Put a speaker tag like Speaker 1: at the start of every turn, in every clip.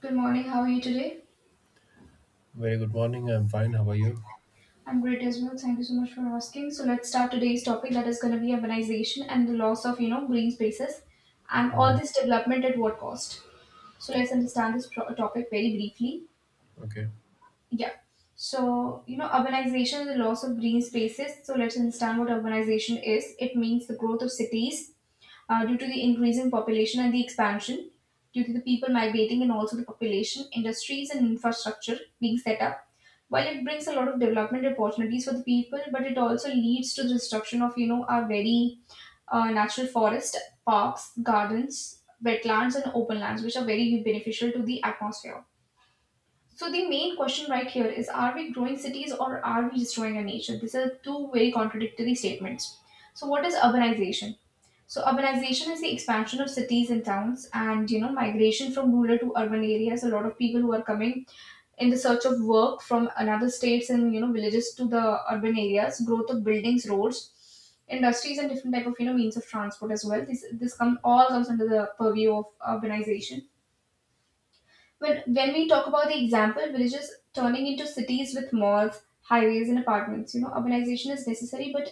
Speaker 1: Good morning. How are you today?
Speaker 2: Very good morning. I'm fine. How are you?
Speaker 1: I'm great as well. Thank you so much for asking. So let's start today's topic that is going to be urbanization and the loss of green spaces and all
Speaker 2: hmm
Speaker 1: this development, at what cost? So let's understand this topic very briefly.
Speaker 2: Okay.
Speaker 1: Yeah. So, urbanization is the loss of green spaces. So, let's understand what urbanization is. It means the growth of cities due to the increase in population and the expansion, due to the people migrating and also the population, industries and infrastructure being set up. While it brings a lot of development opportunities for the people, but it also leads to the destruction of, our very natural forest, parks, gardens, wetlands, and open lands, which are very beneficial to the atmosphere. So the main question right here is, are we growing cities or are we destroying our nature? These are two very contradictory statements. So what is urbanization? So urbanization is the expansion of cities and towns and migration from rural to urban areas. A lot of people who are coming in the search of work from another states and villages to the urban areas, growth of buildings, roads, industries and different type of means of transport as well. This come all comes under the purview of urbanization. When we talk about the example, villages turning into cities with malls, highways, and apartments, urbanization is necessary, but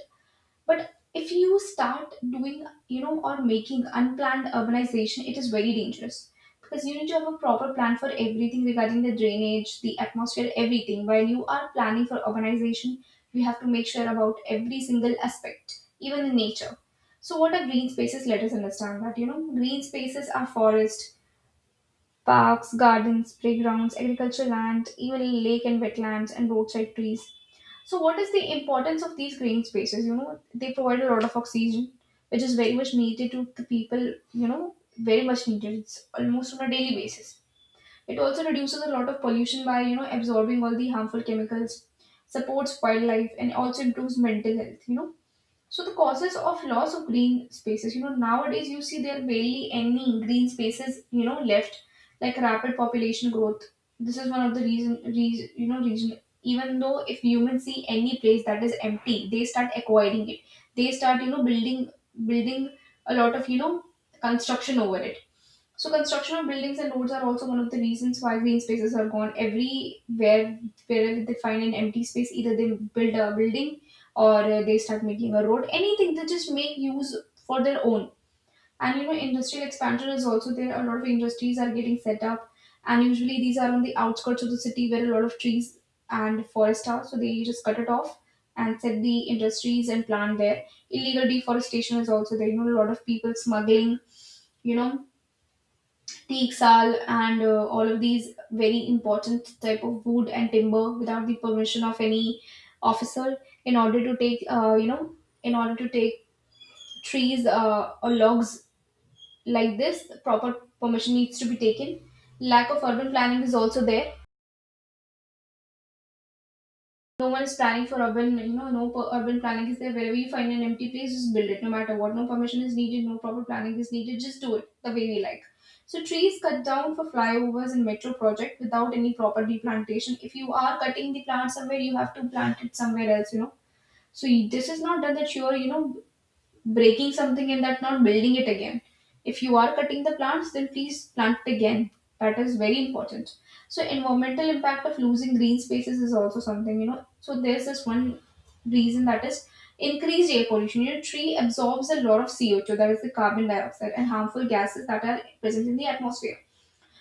Speaker 1: but if you start doing, or making unplanned urbanization, it is very dangerous, because you need to have a proper plan for everything regarding the drainage, the atmosphere, everything. While you are planning for urbanization, you have to make sure about every single aspect, even the nature. So, what are green spaces? Let us understand that. Green spaces are forest, parks, gardens, playgrounds, agricultural land, even lake and wetlands and roadside trees. So what is the importance of these green spaces? They provide a lot of oxygen, which is very much needed to the people, very much needed. It's almost on a daily basis. It also reduces a lot of pollution by, absorbing all the harmful chemicals, supports wildlife and also improves mental health. So the causes of loss of green spaces, nowadays you see there are barely any green spaces, left. Like rapid population growth, this is one of the reason. Even though if humans see any place that is empty, they start acquiring it. They start, building a lot of construction over it. So construction of buildings and roads are also one of the reasons why green spaces are gone. Everywhere, wherever they find an empty space, either they build a building or they start making a road. Anything, they just make use for their own. And industrial expansion is also there. A lot of industries are getting set up, and usually these are on the outskirts of the city where a lot of trees and forest are. So they just cut it off and set the industries and plant there. Illegal deforestation is also there. A lot of people smuggling you know teak, sal, and all of these very important type of wood and timber without the permission of any officer, in order to take uh, you know in order to take trees, or logs. Like this, proper permission needs to be taken. Lack of urban planning is also there. No one is planning for urban, no urban planning is there. Wherever you find an empty place, just build it, no matter what. No permission is needed, no proper planning is needed. Just do it the way we like. So trees cut down for flyovers and metro project without any proper replantation. If you are cutting the plant somewhere, you have to plant it somewhere else. So this is not done, that sure, breaking something and that not building it again. If you are cutting the plants, then please plant it again. That is very important. So environmental impact of losing green spaces is also something. So there's this one reason that is increased air pollution. Tree absorbs a lot of CO2, that is the carbon dioxide and harmful gases that are present in the atmosphere.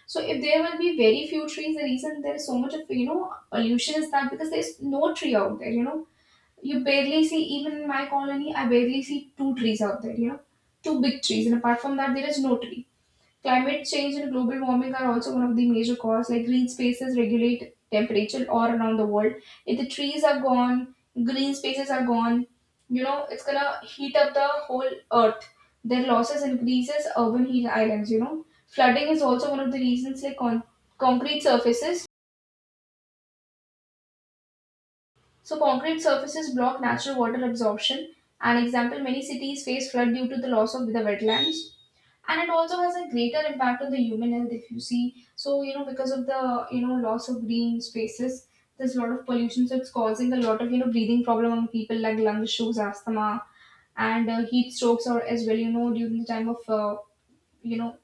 Speaker 1: So if there will be very few trees, the reason there is so much of pollution is that because there's no tree out there, you barely see. Even in my colony, I barely see two trees out there, two big trees. And apart from that, there is no tree. Climate change and global warming are also one of the major causes. Like green spaces regulate temperature all around the world. If the trees are gone, green spaces are gone, it's gonna heat up the whole earth. Their losses increases urban heat islands. Flooding is also one of the reasons, like on concrete surfaces. So concrete surfaces block natural water absorption. An example, many cities face flood due to the loss of the wetlands. And it also has a greater impact on the human health, if you see. So, because of the, loss of green spaces, there's a lot of pollution. So it's causing a lot of, breathing problem on people, like lung issues, asthma, and heat strokes or as well, during the time of, you know,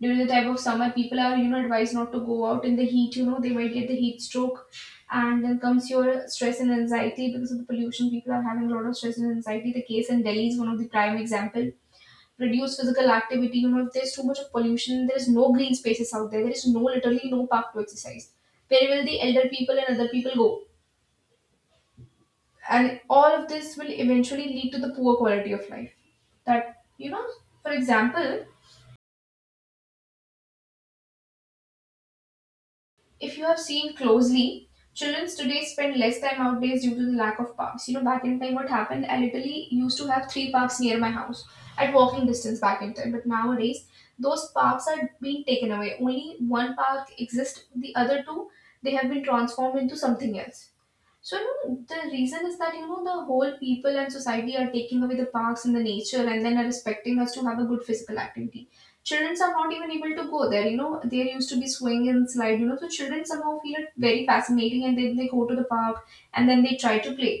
Speaker 1: summer, people are advised not to go out in the heat. They might get the heat stroke. And then comes your stress and anxiety, because of the pollution, people are having a lot of stress and anxiety. The case in Delhi is one of the prime example. Reduce physical activity, if there's too much of pollution, there is no green spaces out there, there is no, literally no park to exercise. Where will the elder people and other people go? And all of this will eventually lead to the poor quality of life, that you know for example, if you have seen closely, children today spend less time outdoors due to the lack of parks. Back in time, what happened? I literally used to have three parks near my house at walking distance back in time. But nowadays, those parks are being taken away. Only one park exists, the other two, they have been transformed into something else. So the reason is that the whole people and society are taking away the parks and the nature, and then are expecting us to have a good physical activity. Children are not even able to go there. There used to be swing and slide. So children somehow feel it very fascinating, and then they go to the park and then they try to play.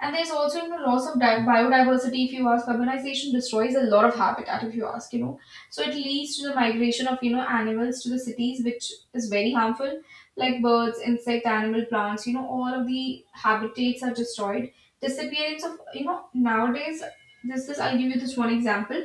Speaker 1: And there's also loss of biodiversity. If you ask, urbanization destroys a lot of habitat. If you ask, so it leads to the migration of animals to the cities, which is very harmful. Like birds, insect, animal, plants. All of the habitats are destroyed. Disappearance of nowadays. This I'll give you this one example.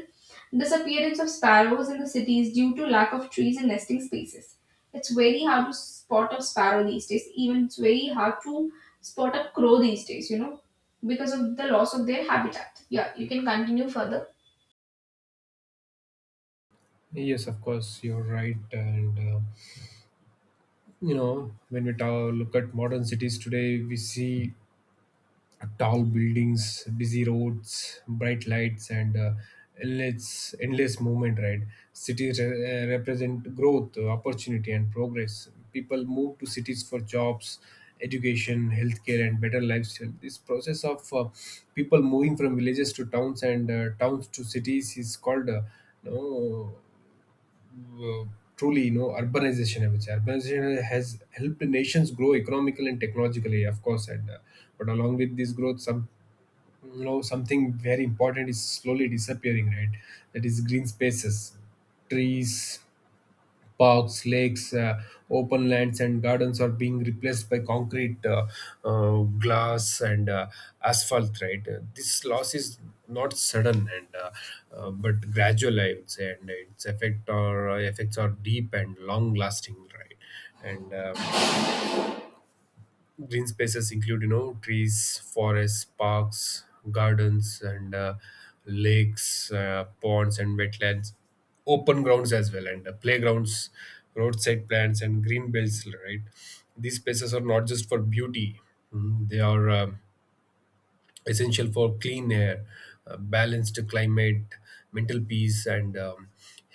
Speaker 1: Disappearance of sparrows in the cities due to lack of trees and nesting spaces. It's very hard to spot a sparrow these days. Even it's very hard to spot a crow these days. Because of the loss of their habitat. Yeah, you can continue further.
Speaker 2: Yes, of course, you're right. And You know, when we look at modern cities today, we see tall buildings, busy roads, bright lights, and endless movement. Right, cities re- represent growth, opportunity, and progress. People move to cities for jobs, education, healthcare, and better lifestyle. This process of people moving from villages to towns and towns to cities is called. No, uh, truly, you know, urbanization. I would say urbanization has helped nations grow economically and technologically, of course, and but along with this growth, something very important is slowly disappearing, right? That is green spaces, trees, parks, lakes, open lands and gardens are being replaced by concrete, glass, and asphalt, right? This loss is not sudden and but gradual, I would say, and its effects are deep and long lasting, right? and Green spaces include, you know, trees, forests, parks, gardens, and lakes, ponds and wetlands, open grounds as well, and playgrounds, roadside plants, and green belts, right? These spaces are not just for beauty. They are essential for clean air, balanced climate, mental peace, and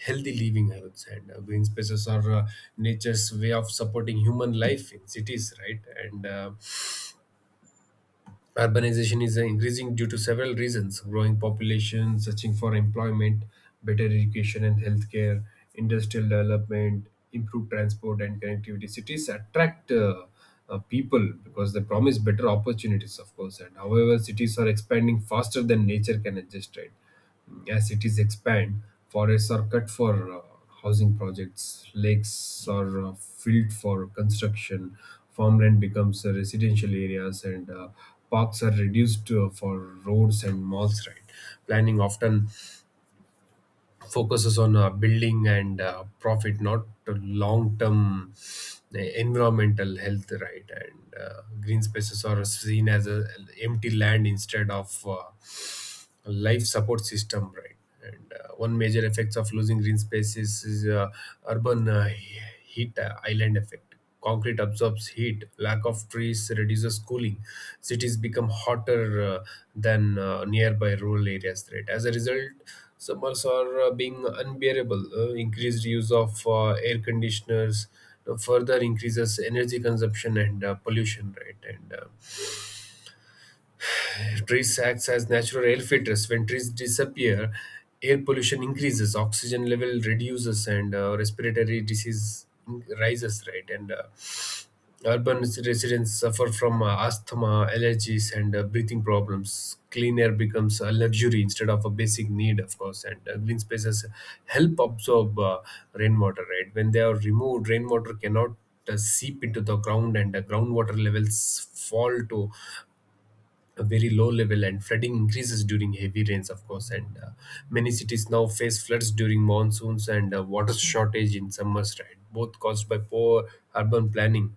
Speaker 2: healthy living, I would say. And green spaces are nature's way of supporting human life in cities, right? and Urbanization is increasing due to several reasons: growing population, searching for employment, better education and healthcare, industrial development, improved transport and connectivity. Cities attract people because they promise better opportunities, of course. And however, cities are expanding faster than nature can adjust, right? As cities expand, forests are cut for housing projects, lakes are filled for construction, farmland becomes residential areas, and parks are reduced for roads and malls. Right, planning often focuses on building and profit, not long-term environmental health. Right, and green spaces are seen as a empty land instead of life support system, right? and One major effects of losing green spaces is heat island effect. Concrete absorbs heat, lack of trees reduces cooling, cities become hotter than nearby rural areas, right? As a result summers are being unbearable, increased use of air conditioners further increases energy consumption and pollution, right? and Trees acts as natural air filters. When trees disappear, air pollution increases, oxygen level reduces, and respiratory rises. Right, and urban residents suffer from asthma, allergies, and breathing problems. Clean air becomes a luxury instead of a basic need, of course. And green spaces help absorb rainwater. Right, when they are removed, rainwater cannot seep into the ground and the groundwater levels fall to a very low level, and flooding increases during heavy rains, of course. And many cities now face floods during monsoons and water shortage in summers, right? Both caused by poor urban planning,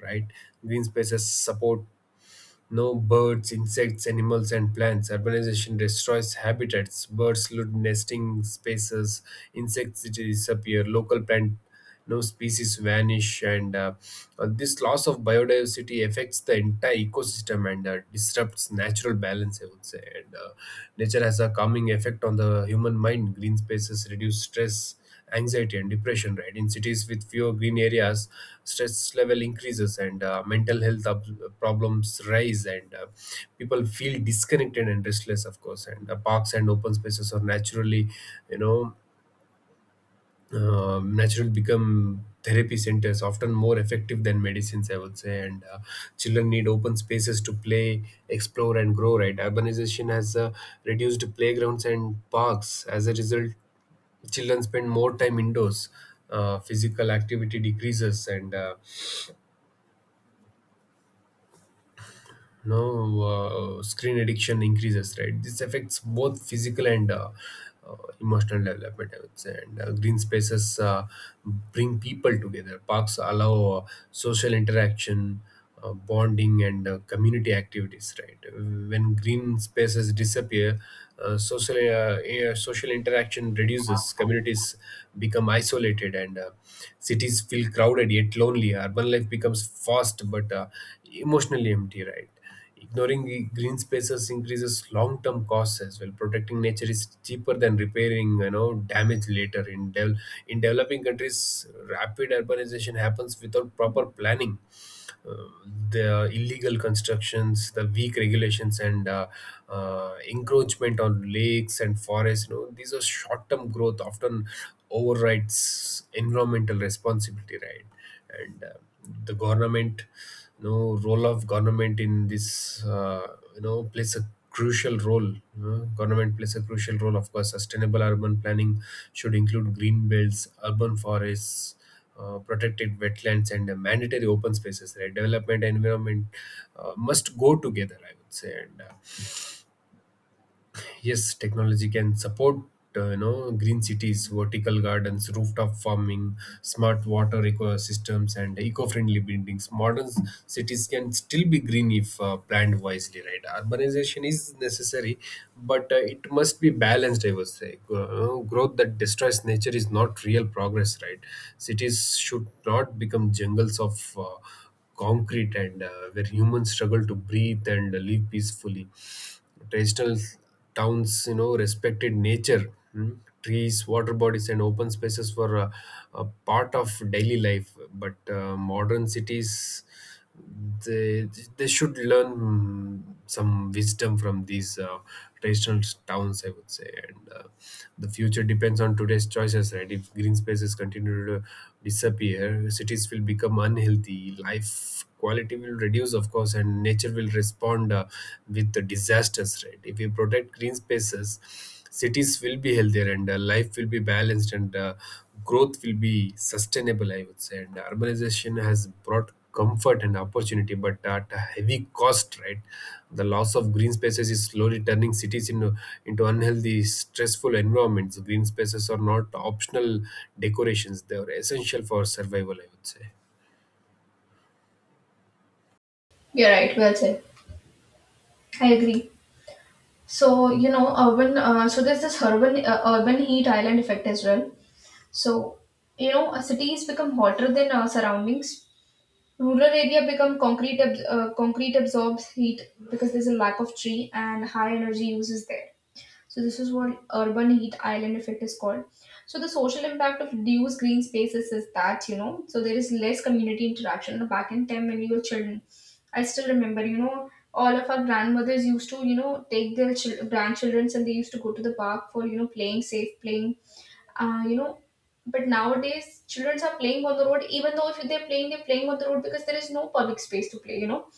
Speaker 2: right? Green spaces support no birds, insects, animals, and plants. Urbanization destroys habitats. Birds lose nesting spaces. Insects disappear. Local plant, no species vanish, and this loss of biodiversity affects the entire ecosystem and disrupts natural balance, I would say. And nature has a calming effect on the human mind. Green spaces reduce stress, anxiety, and depression, right? In cities with fewer green areas, stress level increases, and problems rise, and people feel disconnected and restless, of course. And parks and open spaces are naturally you know naturally become therapy centers, often more effective than medicines, I would say. And children need open spaces to play, explore, and grow, right? Urbanization has reduced playgrounds and parks. As a result, children spend more time indoors, physical activity decreases, and no screen addiction increases, right? This affects both physical and emotional development, I would say. And green spaces bring people together, parks allow social interaction, bonding, and community activities, right? When green spaces disappear, social interaction reduces, communities become isolated, and cities feel crowded, yet lonely. Urban life becomes fast but emotionally empty, right? Ignoring the green spaces increases long-term costs as well. Protecting nature is cheaper than repairing, you know, damage later. In developing countries, rapid urbanization happens without proper planning, uh, the illegal constructions, the weak regulations, and encroachment on lakes and forests. You know, these are short-term growth often overrides environmental responsibility, right? And the government, you know, role of government in this, you know, plays a crucial role. You know, government plays a crucial role, of course. Sustainable urban planning should include green belts, urban forests, protected wetlands, and mandatory open spaces, right? Development and environment must go together, I would say. And yes, technology can support you know, green cities, vertical gardens, rooftop farming, smart water ecosystems, and eco-friendly buildings. Cities can still be green if planned wisely, right? Urbanization is necessary, but it must be balanced, I would say. Growth that destroys nature is not real progress, right? Cities should not become jungles of uh, concrete and where humans struggle to breathe and live peacefully. Traditional towns, you know, respected nature. Trees, water bodies, and open spaces were a part of daily life, but modern cities, they they should learn some wisdom from these traditional towns, I would say. And the future depends on today's choices, right? If green spaces continue to disappear, cities will become unhealthy, life quality will reduce, of course, and nature will respond with the disasters, right? If we protect green spaces, cities will be healthier, and life will be balanced, and growth will be sustainable, I would say. And urbanization has brought comfort and opportunity, but at a heavy cost, right? The loss of green spaces is slowly turning into unhealthy, stressful environments. Green spaces are not optional decorations, they are essential for survival, I would say.
Speaker 1: You're right. Well said. I agree. So you know, urban. So there's this urban heat island effect as well. So cities become hotter than surroundings. Rural area become concrete absorbs heat because there's a lack of tree and high energy uses there. So this is what urban heat island effect is called. So the social impact of reduced green spaces is that, so there is less community interaction. Back in time when we were children, I still remember all of our grandmothers used to take their grandchildren and they used to go to the park for playing safe, playing you know but nowadays children are playing on the road, even though if they're playing, they're playing on the road because there is no public space to play you know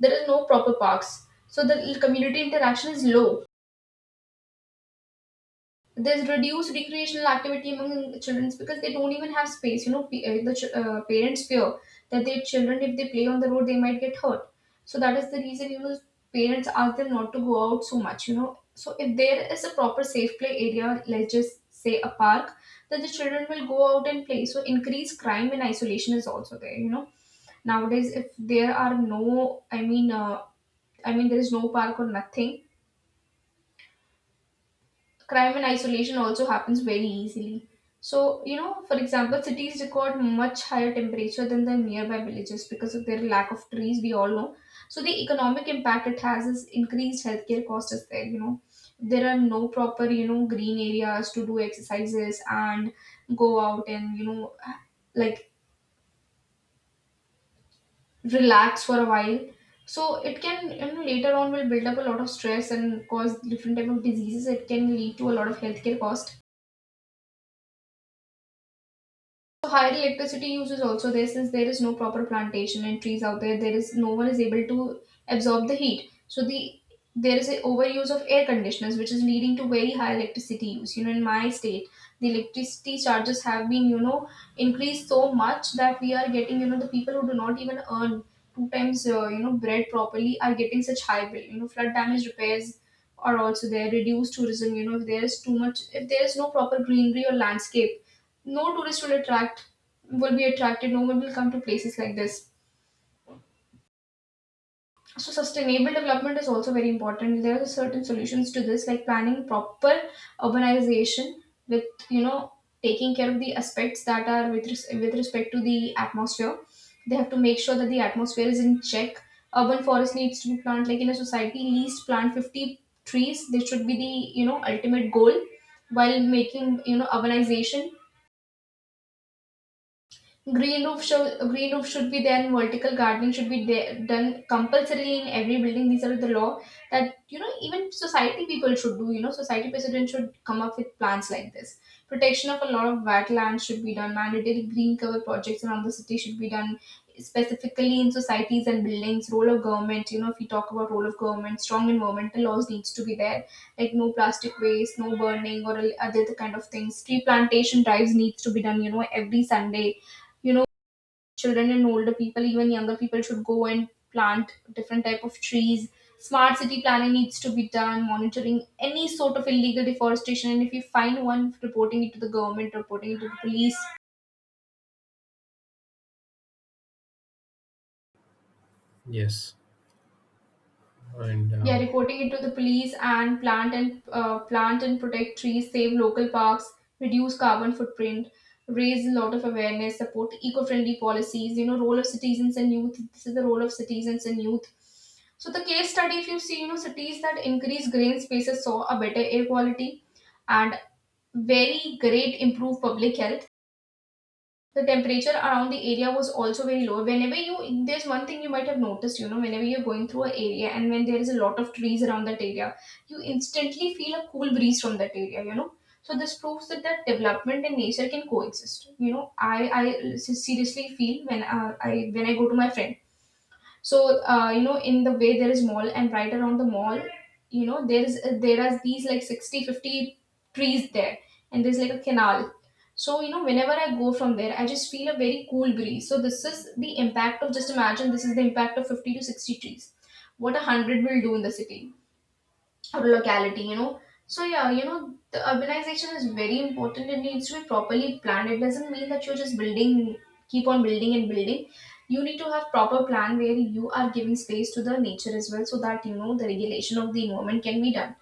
Speaker 1: there is no proper parks, so the community interaction is low. There's reduced recreational activity among children, because they don't even have space. Parents fear that their children, if they play on the road, they might get hurt. So that is the reason parents ask them not to go out so much. You know, so if there is a proper safe play area, let's just say a park, then the children will go out and play. So increased crime and isolation is also there. You know, nowadays if there are no, there is no park or nothing, crime and isolation also happens very easily. So, you know, for example, cities record much higher temperature than the nearby villages because of their lack of trees, we all know. So, the economic impact it has is increased healthcare cost is there, you know. There are no proper, you know, green areas to do exercises and go out and, like relax for a while. So, it can, you know, later on will build up a lot of stress and cause different type of diseases. It can lead to a lot of healthcare cost. So higher electricity use is also there since there is no proper plantation and trees out there. There is no one is able to absorb the heat. So there is a overuse of air conditioners which is leading to very high electricity use. You know, in my state, the electricity charges have been, increased so much that we are getting, you know, the people who do not even earn two times you know bread properly are getting such high bill. You know, flood damage repairs are also there. Reduced tourism. You know, if there is too much, if there is no proper greenery or landscape, no tourist will attract, will be attracted, no one will come to places like this. So sustainable development is also very important. There are certain solutions to this, like planning proper urbanization with, you know, taking care of the aspects that are with respect to the atmosphere. They have to make sure that the atmosphere is in check. Urban forest needs to be planted, like in a society least plant 50 trees. This should be the, you know, ultimate goal while making, you know, urbanization. Green roof should be there, and vertical gardening should be there, done compulsorily in every building. These are the law that, you know, even society people should do. You know, society president should come up with plans like this. Protection of a lot of wetlands should be done. Mandatory green cover projects around the city should be done, specifically in societies and buildings. Role of government. You know, if we talk about role of government, strong environmental laws needs to be there, like no plastic waste, no burning or other kind of things. Tree plantation drives needs to be done, you know, every Sunday. You know, children and older people, even younger people should go and plant different type of trees. Smart city planning needs to be done, monitoring any sort of illegal deforestation, and if you find one, reporting it to the government, reporting it to the police.
Speaker 2: yes and
Speaker 1: Yeah,
Speaker 2: um,
Speaker 1: reporting it to the police, and plant and protect trees, save local parks, reduce carbon footprint, raise a lot of awareness, support eco-friendly policies. You know, role of citizens and youth. This is the role of citizens and youth. So the case study, if you see, you know, cities that increase green spaces saw a better air quality and very great improved public health. The temperature around the area was also very low. Whenever you, there's one thing you might have noticed, you know, whenever you're going through an area and when there is a lot of trees around that area, you instantly feel a cool breeze from that area, you know. So this proves that that development and nature can coexist. You know, I seriously feel when I when I go to my friends, so you know, in the way there is mall and right around the mall, you know, there are these like 60, 50 trees there, and there's like a canal. So you know, whenever I go from there, I just feel a very cool breeze. So this is the impact of, just imagine, this is the impact of 50 to 60 trees. What a hundred will do in the city or locality, you know. So yeah, you know, the urbanization is very important. It needs to be properly planned. It doesn't mean that you're just building, keep on building and building. You need to have proper plan where you are giving space to the nature as well, so that you know the regulation of the environment can be done.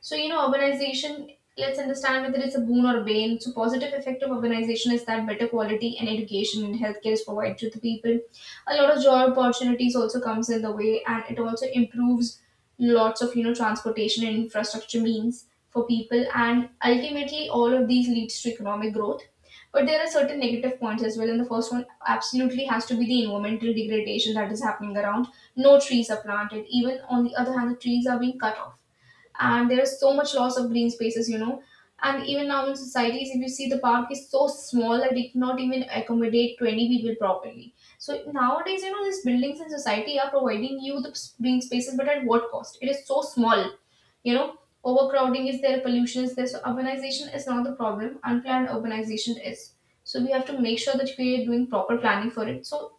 Speaker 1: So, you know, urbanization, let's understand whether it's a boon or a bane. So, positive effect of urbanization is that better quality and education and healthcare is provided to the people. A lot of job opportunities also comes in the way, and it also improves lots of, you know, transportation and infrastructure means for people, and ultimately all of these leads to economic growth. But there are certain negative points as well, and the first one absolutely has to be the environmental degradation that is happening around. No trees are planted. Even on the other hand, the trees are being cut off, and there is so much loss of green spaces, you know. And even now in societies, if you see, the park is so small that it cannot even accommodate 20 people properly. So nowadays, you know, these buildings in society are providing you the s- green spaces, but at what cost? It is so small, you know. Overcrowding is there, pollution is there. So urbanization is not the problem, unplanned urbanization is. So we have to make sure that we are doing proper planning for it. So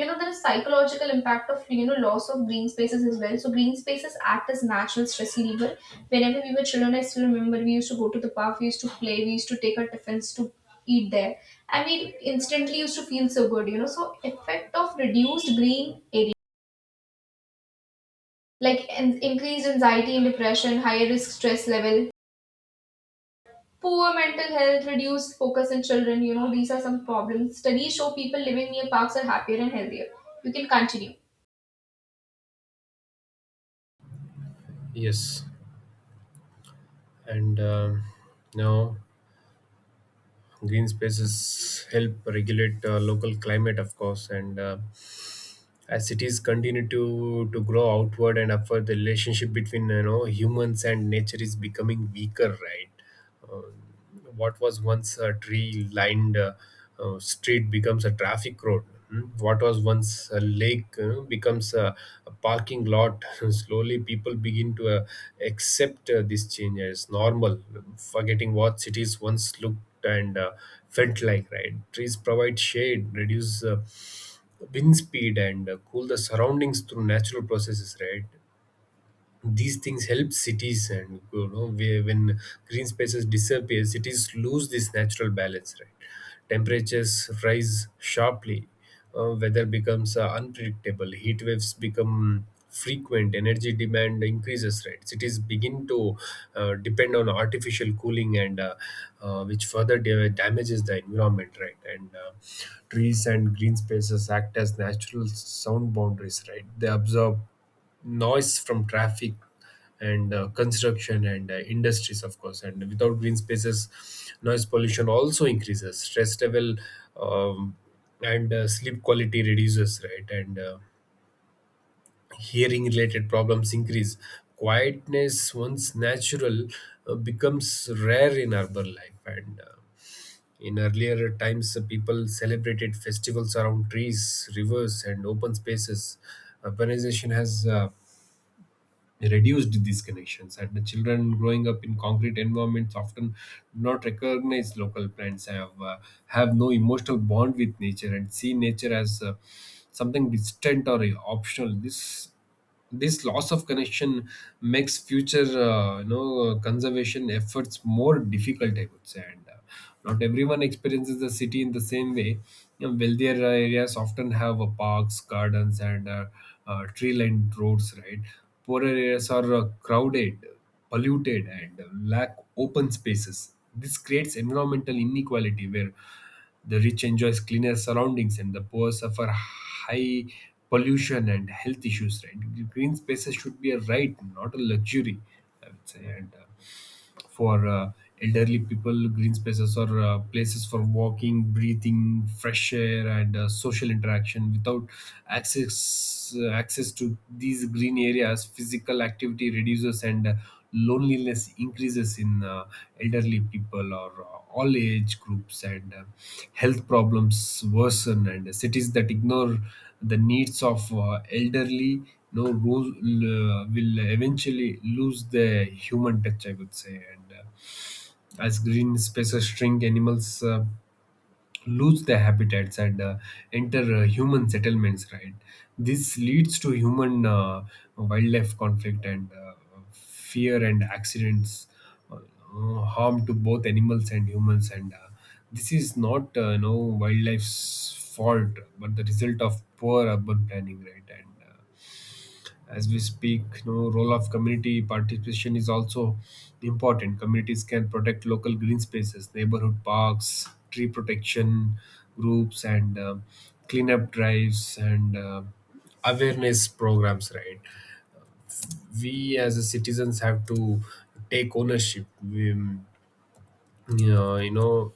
Speaker 1: you know, there is psychological impact of, you know, loss of green spaces as well. So green spaces act as natural stress reliever. Whenever we were children, I still remember, we used to go to the park, we used to play, we used to take our tiffins to eat there, and we instantly used to feel so good, you know. So effect of reduced green area, like an increased anxiety and depression, higher risk stress level, poor mental health, reduced focus in children, you know, these are some problems. Studies show people living near parks are happier and healthier. You can continue.
Speaker 2: Yes, and now green spaces help regulate local climate, of course. And as cities continue to grow outward and upward, the relationship between, you know, humans and nature is becoming weaker, right? What was once a tree lined street becomes a traffic road. Mm. What was once a lake becomes a parking lot. Slowly people begin to accept this change as normal, forgetting what cities once looked and felt like, right? Trees provide shade, reduce wind speed, and cool the surroundings through natural processes, right? These things help cities, and you know, when green spaces disappear, cities lose this natural balance, right? Temperatures rise sharply, weather becomes unpredictable, heat waves become frequent, energy demand increases, right? Cities begin to depend on artificial cooling, and which further damages the environment, right? And trees and green spaces act as natural sound boundaries, right? They absorb noise from traffic and construction and industries, of course. And without green spaces, noise pollution also increases stress level, um, and sleep quality reduces, right? And hearing related problems increase, quietness once natural becomes rare in urban life. And in earlier times people celebrated festivals around trees, rivers, and open spaces. Urbanization has reduced these connections, and the children growing up in concrete environments often do not recognize local plants, have no emotional bond with nature, and see nature as something distant or optional. This loss of connection makes future you know, conservation efforts more difficult, I would say. And not everyone experiences the city in the same way. You know, wealthier areas often have parks, gardens, and tree lined roads, right? Poorer areas are crowded, polluted, and lack open spaces. This creates environmental inequality where the rich enjoys cleaner surroundings and the poor suffer high pollution and health issues. Right? Green spaces should be a right, not a luxury, I would say. And for elderly people, green spaces are places for walking, breathing fresh air, and social interaction. Without access to these green areas, physical activity reduces, and loneliness increases in elderly people or all age groups, and health problems worsen. And cities that ignore the needs of elderly no rules will eventually lose the human touch, I would say. And as green spaces shrink, animals lose their habitats and enter human settlements, right? This leads to human wildlife conflict and fear and accidents, harm to both animals and humans. And this is not you wildlife's fault, but the result of poor urban planning, right? And as we speak, you know, role of community participation is also important. Communities can protect local green spaces, neighborhood parks, tree protection groups, and cleanup drives, and awareness programs, right? We as a citizens have to take ownership. We, you know,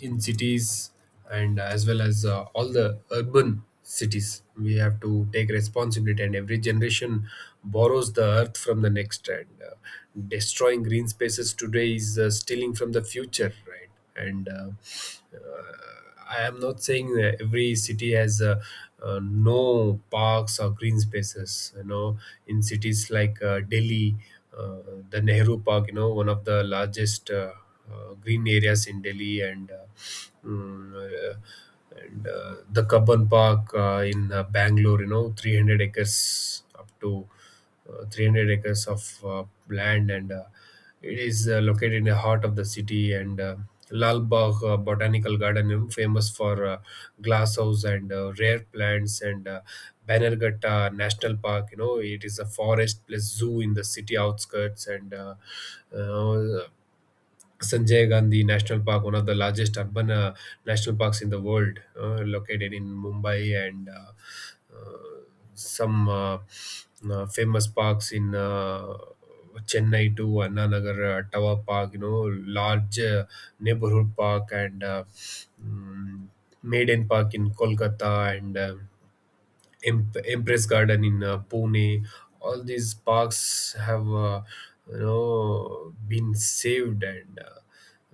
Speaker 2: In cities and as well as all the urban cities we have to take responsibility. And every generation borrows the earth from the next, and destroying green spaces today is stealing from the future, right? and uh, I am not saying that every city has no parks or green spaces. You know, in cities like Delhi, uh, the Nehru Park, you know, one of the largest green areas in Delhi, and mm, uh, the Kabban Park in Bangalore. You know, 300 acres up to 300 acres of land, and it is located in the heart of the city. And Lal Bagh Botanical Garden, you know, famous for glass house and rare plants, and Banerghatta National Park. You know, it is a forest plus zoo in the city outskirts, and uh, Sanjay Gandhi National Park, one of the largest urban national parks in the world, located in Mumbai, and uh, some famous parks in Chennai too, Annanagar Tower Park, you know, large neighborhood park, and mm, Maiden Park in Kolkata, and Empress Garden in Pune. All these parks have, you know, been saved and. Uh,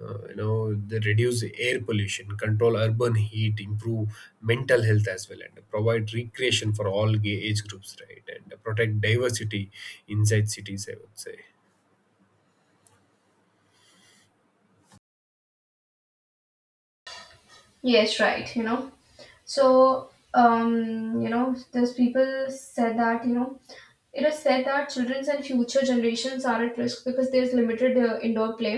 Speaker 2: uh, you know they reduce air pollution, control urban heat, improve mental health as well, and provide recreation for all age groups, right? And protect diversity inside cities, I would say.
Speaker 1: Yes, right, you know. So, you know, there's people said that, you know, it is said that children's and future generations are at risk because there's limited indoor play.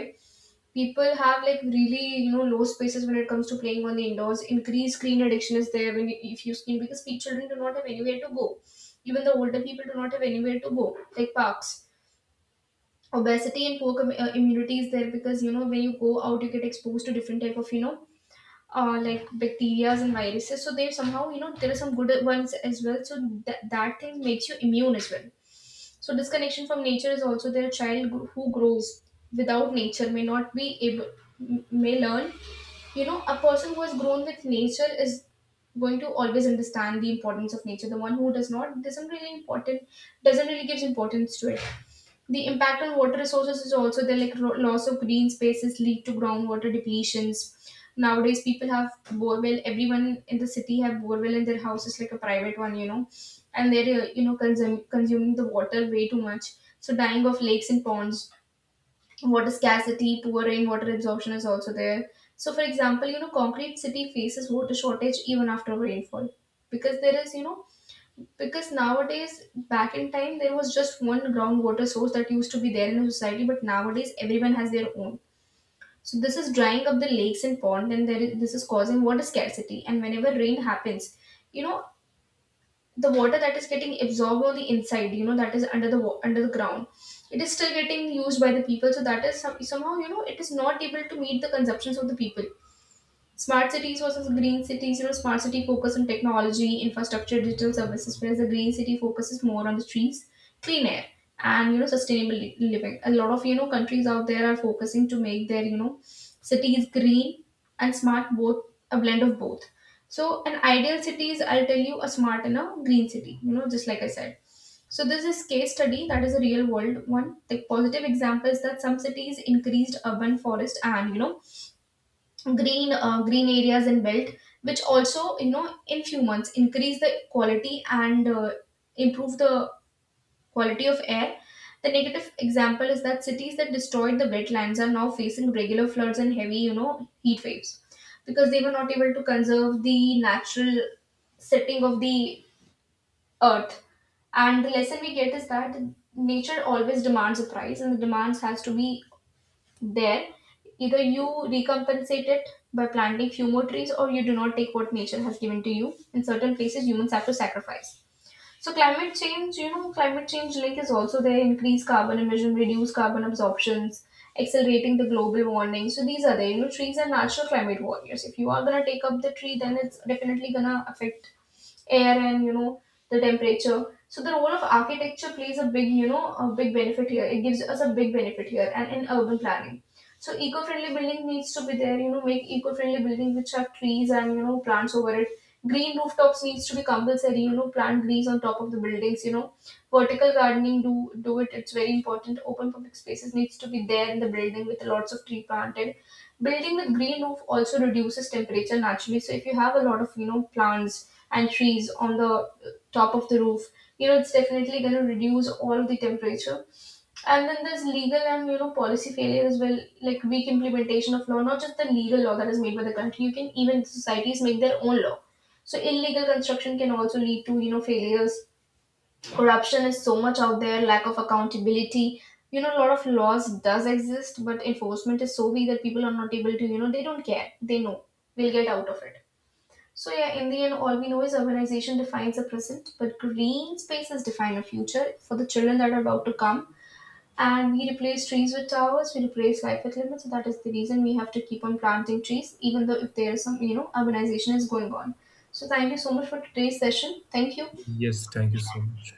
Speaker 1: People have like really, you know, low spaces when it comes to playing on the indoors. Increased screen addiction is there when you, if you screen because children do not have anywhere to go. Even the older people do not have anywhere to go, like parks. Obesity and poor immunity is there because you know when you go out you get exposed to different type of, you know, like bacteria and viruses. So they somehow, you know, there are some good ones as well. So that thing makes you immune as well. So disconnection from nature is also there. A child who grows without nature may not be able, may learn. You know, a person who has grown with nature is going to always understand the importance of nature. The one who does not doesn't really important, doesn't really gives importance to it. The impact on water resources is also there, like loss of green spaces lead to groundwater depletions. Nowadays, people have borewell. Everyone in the city have borewell in their houses, like a private one, you know, and they're you know consuming the water way too much. So dying of lakes and ponds, water scarcity, poor rainwater absorption is also there. So, for example, you know, concrete city faces water shortage even after rainfall because there is you know, because nowadays, back in time, there was just one groundwater source that used to be there in a society, but nowadays everyone has their own. So this is drying up the lakes and pond, and there is, this is causing water scarcity. And whenever rain happens, you know, the water that is getting absorbed on the inside, you know, that is under the ground, it is still getting used by the people. So that is some, somehow you know it is not able to meet the consumptions of the people. Smart cities versus green cities. You know, smart city focus on technology, infrastructure, digital services, whereas the green city focuses more on the trees, clean air, and you know, sustainable living. A lot of you know countries out there are focusing to make their you know cities green and smart, both, a blend of both. So, an ideal city is I'll tell you a smart and a green city. You know, just like I said. So this is case study that is a real world one. The positive example is that some cities increased urban forest and you know green areas in belt, which also you know in few months increase the quality and improve the quality of air. The negative example is that cities that destroyed the wetlands are now facing regular floods and heavy you know heat waves because they were not able to conserve the natural setting of the earth. And the lesson we get is that nature always demands a price, and the demands has to be there. Either you recompensate it by planting few more trees, or you do not take what nature has given to you. In certain places humans have to sacrifice. So climate change, you know, climate change link is also there, increase carbon emission, reduce carbon absorptions, accelerating the global warming. So these are there, you know, trees are natural climate warriors. If you are going to take up the tree, then it's definitely going to affect air and you know the temperature. So the role of architecture plays a big, you know, a big benefit here, it gives us a big benefit here, and in urban planning. So eco-friendly building needs to be there, you know, make eco-friendly buildings which have trees and you know plants over it. Green rooftops needs to be compulsory, you know, plant trees on top of the buildings, you know, vertical gardening, do it, it's very important. Open public spaces needs to be there in the building with lots of tree planted. Building with green roof also reduces temperature naturally. So if you have a lot of you know plants and trees on the top of the roof, you know, it's definitely going to reduce all the temperature. And then there's legal and you know policy failure as well, like weak implementation of law, not just the legal law that is made by the country, you can even societies make their own law. So illegal construction can also lead to you know failures. Corruption is so much out there, lack of accountability. You know, a lot of laws does exist, but enforcement is so weak that people are not able to, you know, they don't care, they know they'll get out of it. So yeah, in the end, all we know is urbanization defines the present, but green spaces define a future for the children that are about to come. And we replace trees with towers, we replace life with limits. So, that is the reason we have to keep on planting trees, even though if there is some, you know, urbanization is going on. So thank you so much for today's session. Thank you.
Speaker 2: Yes, thank you so much.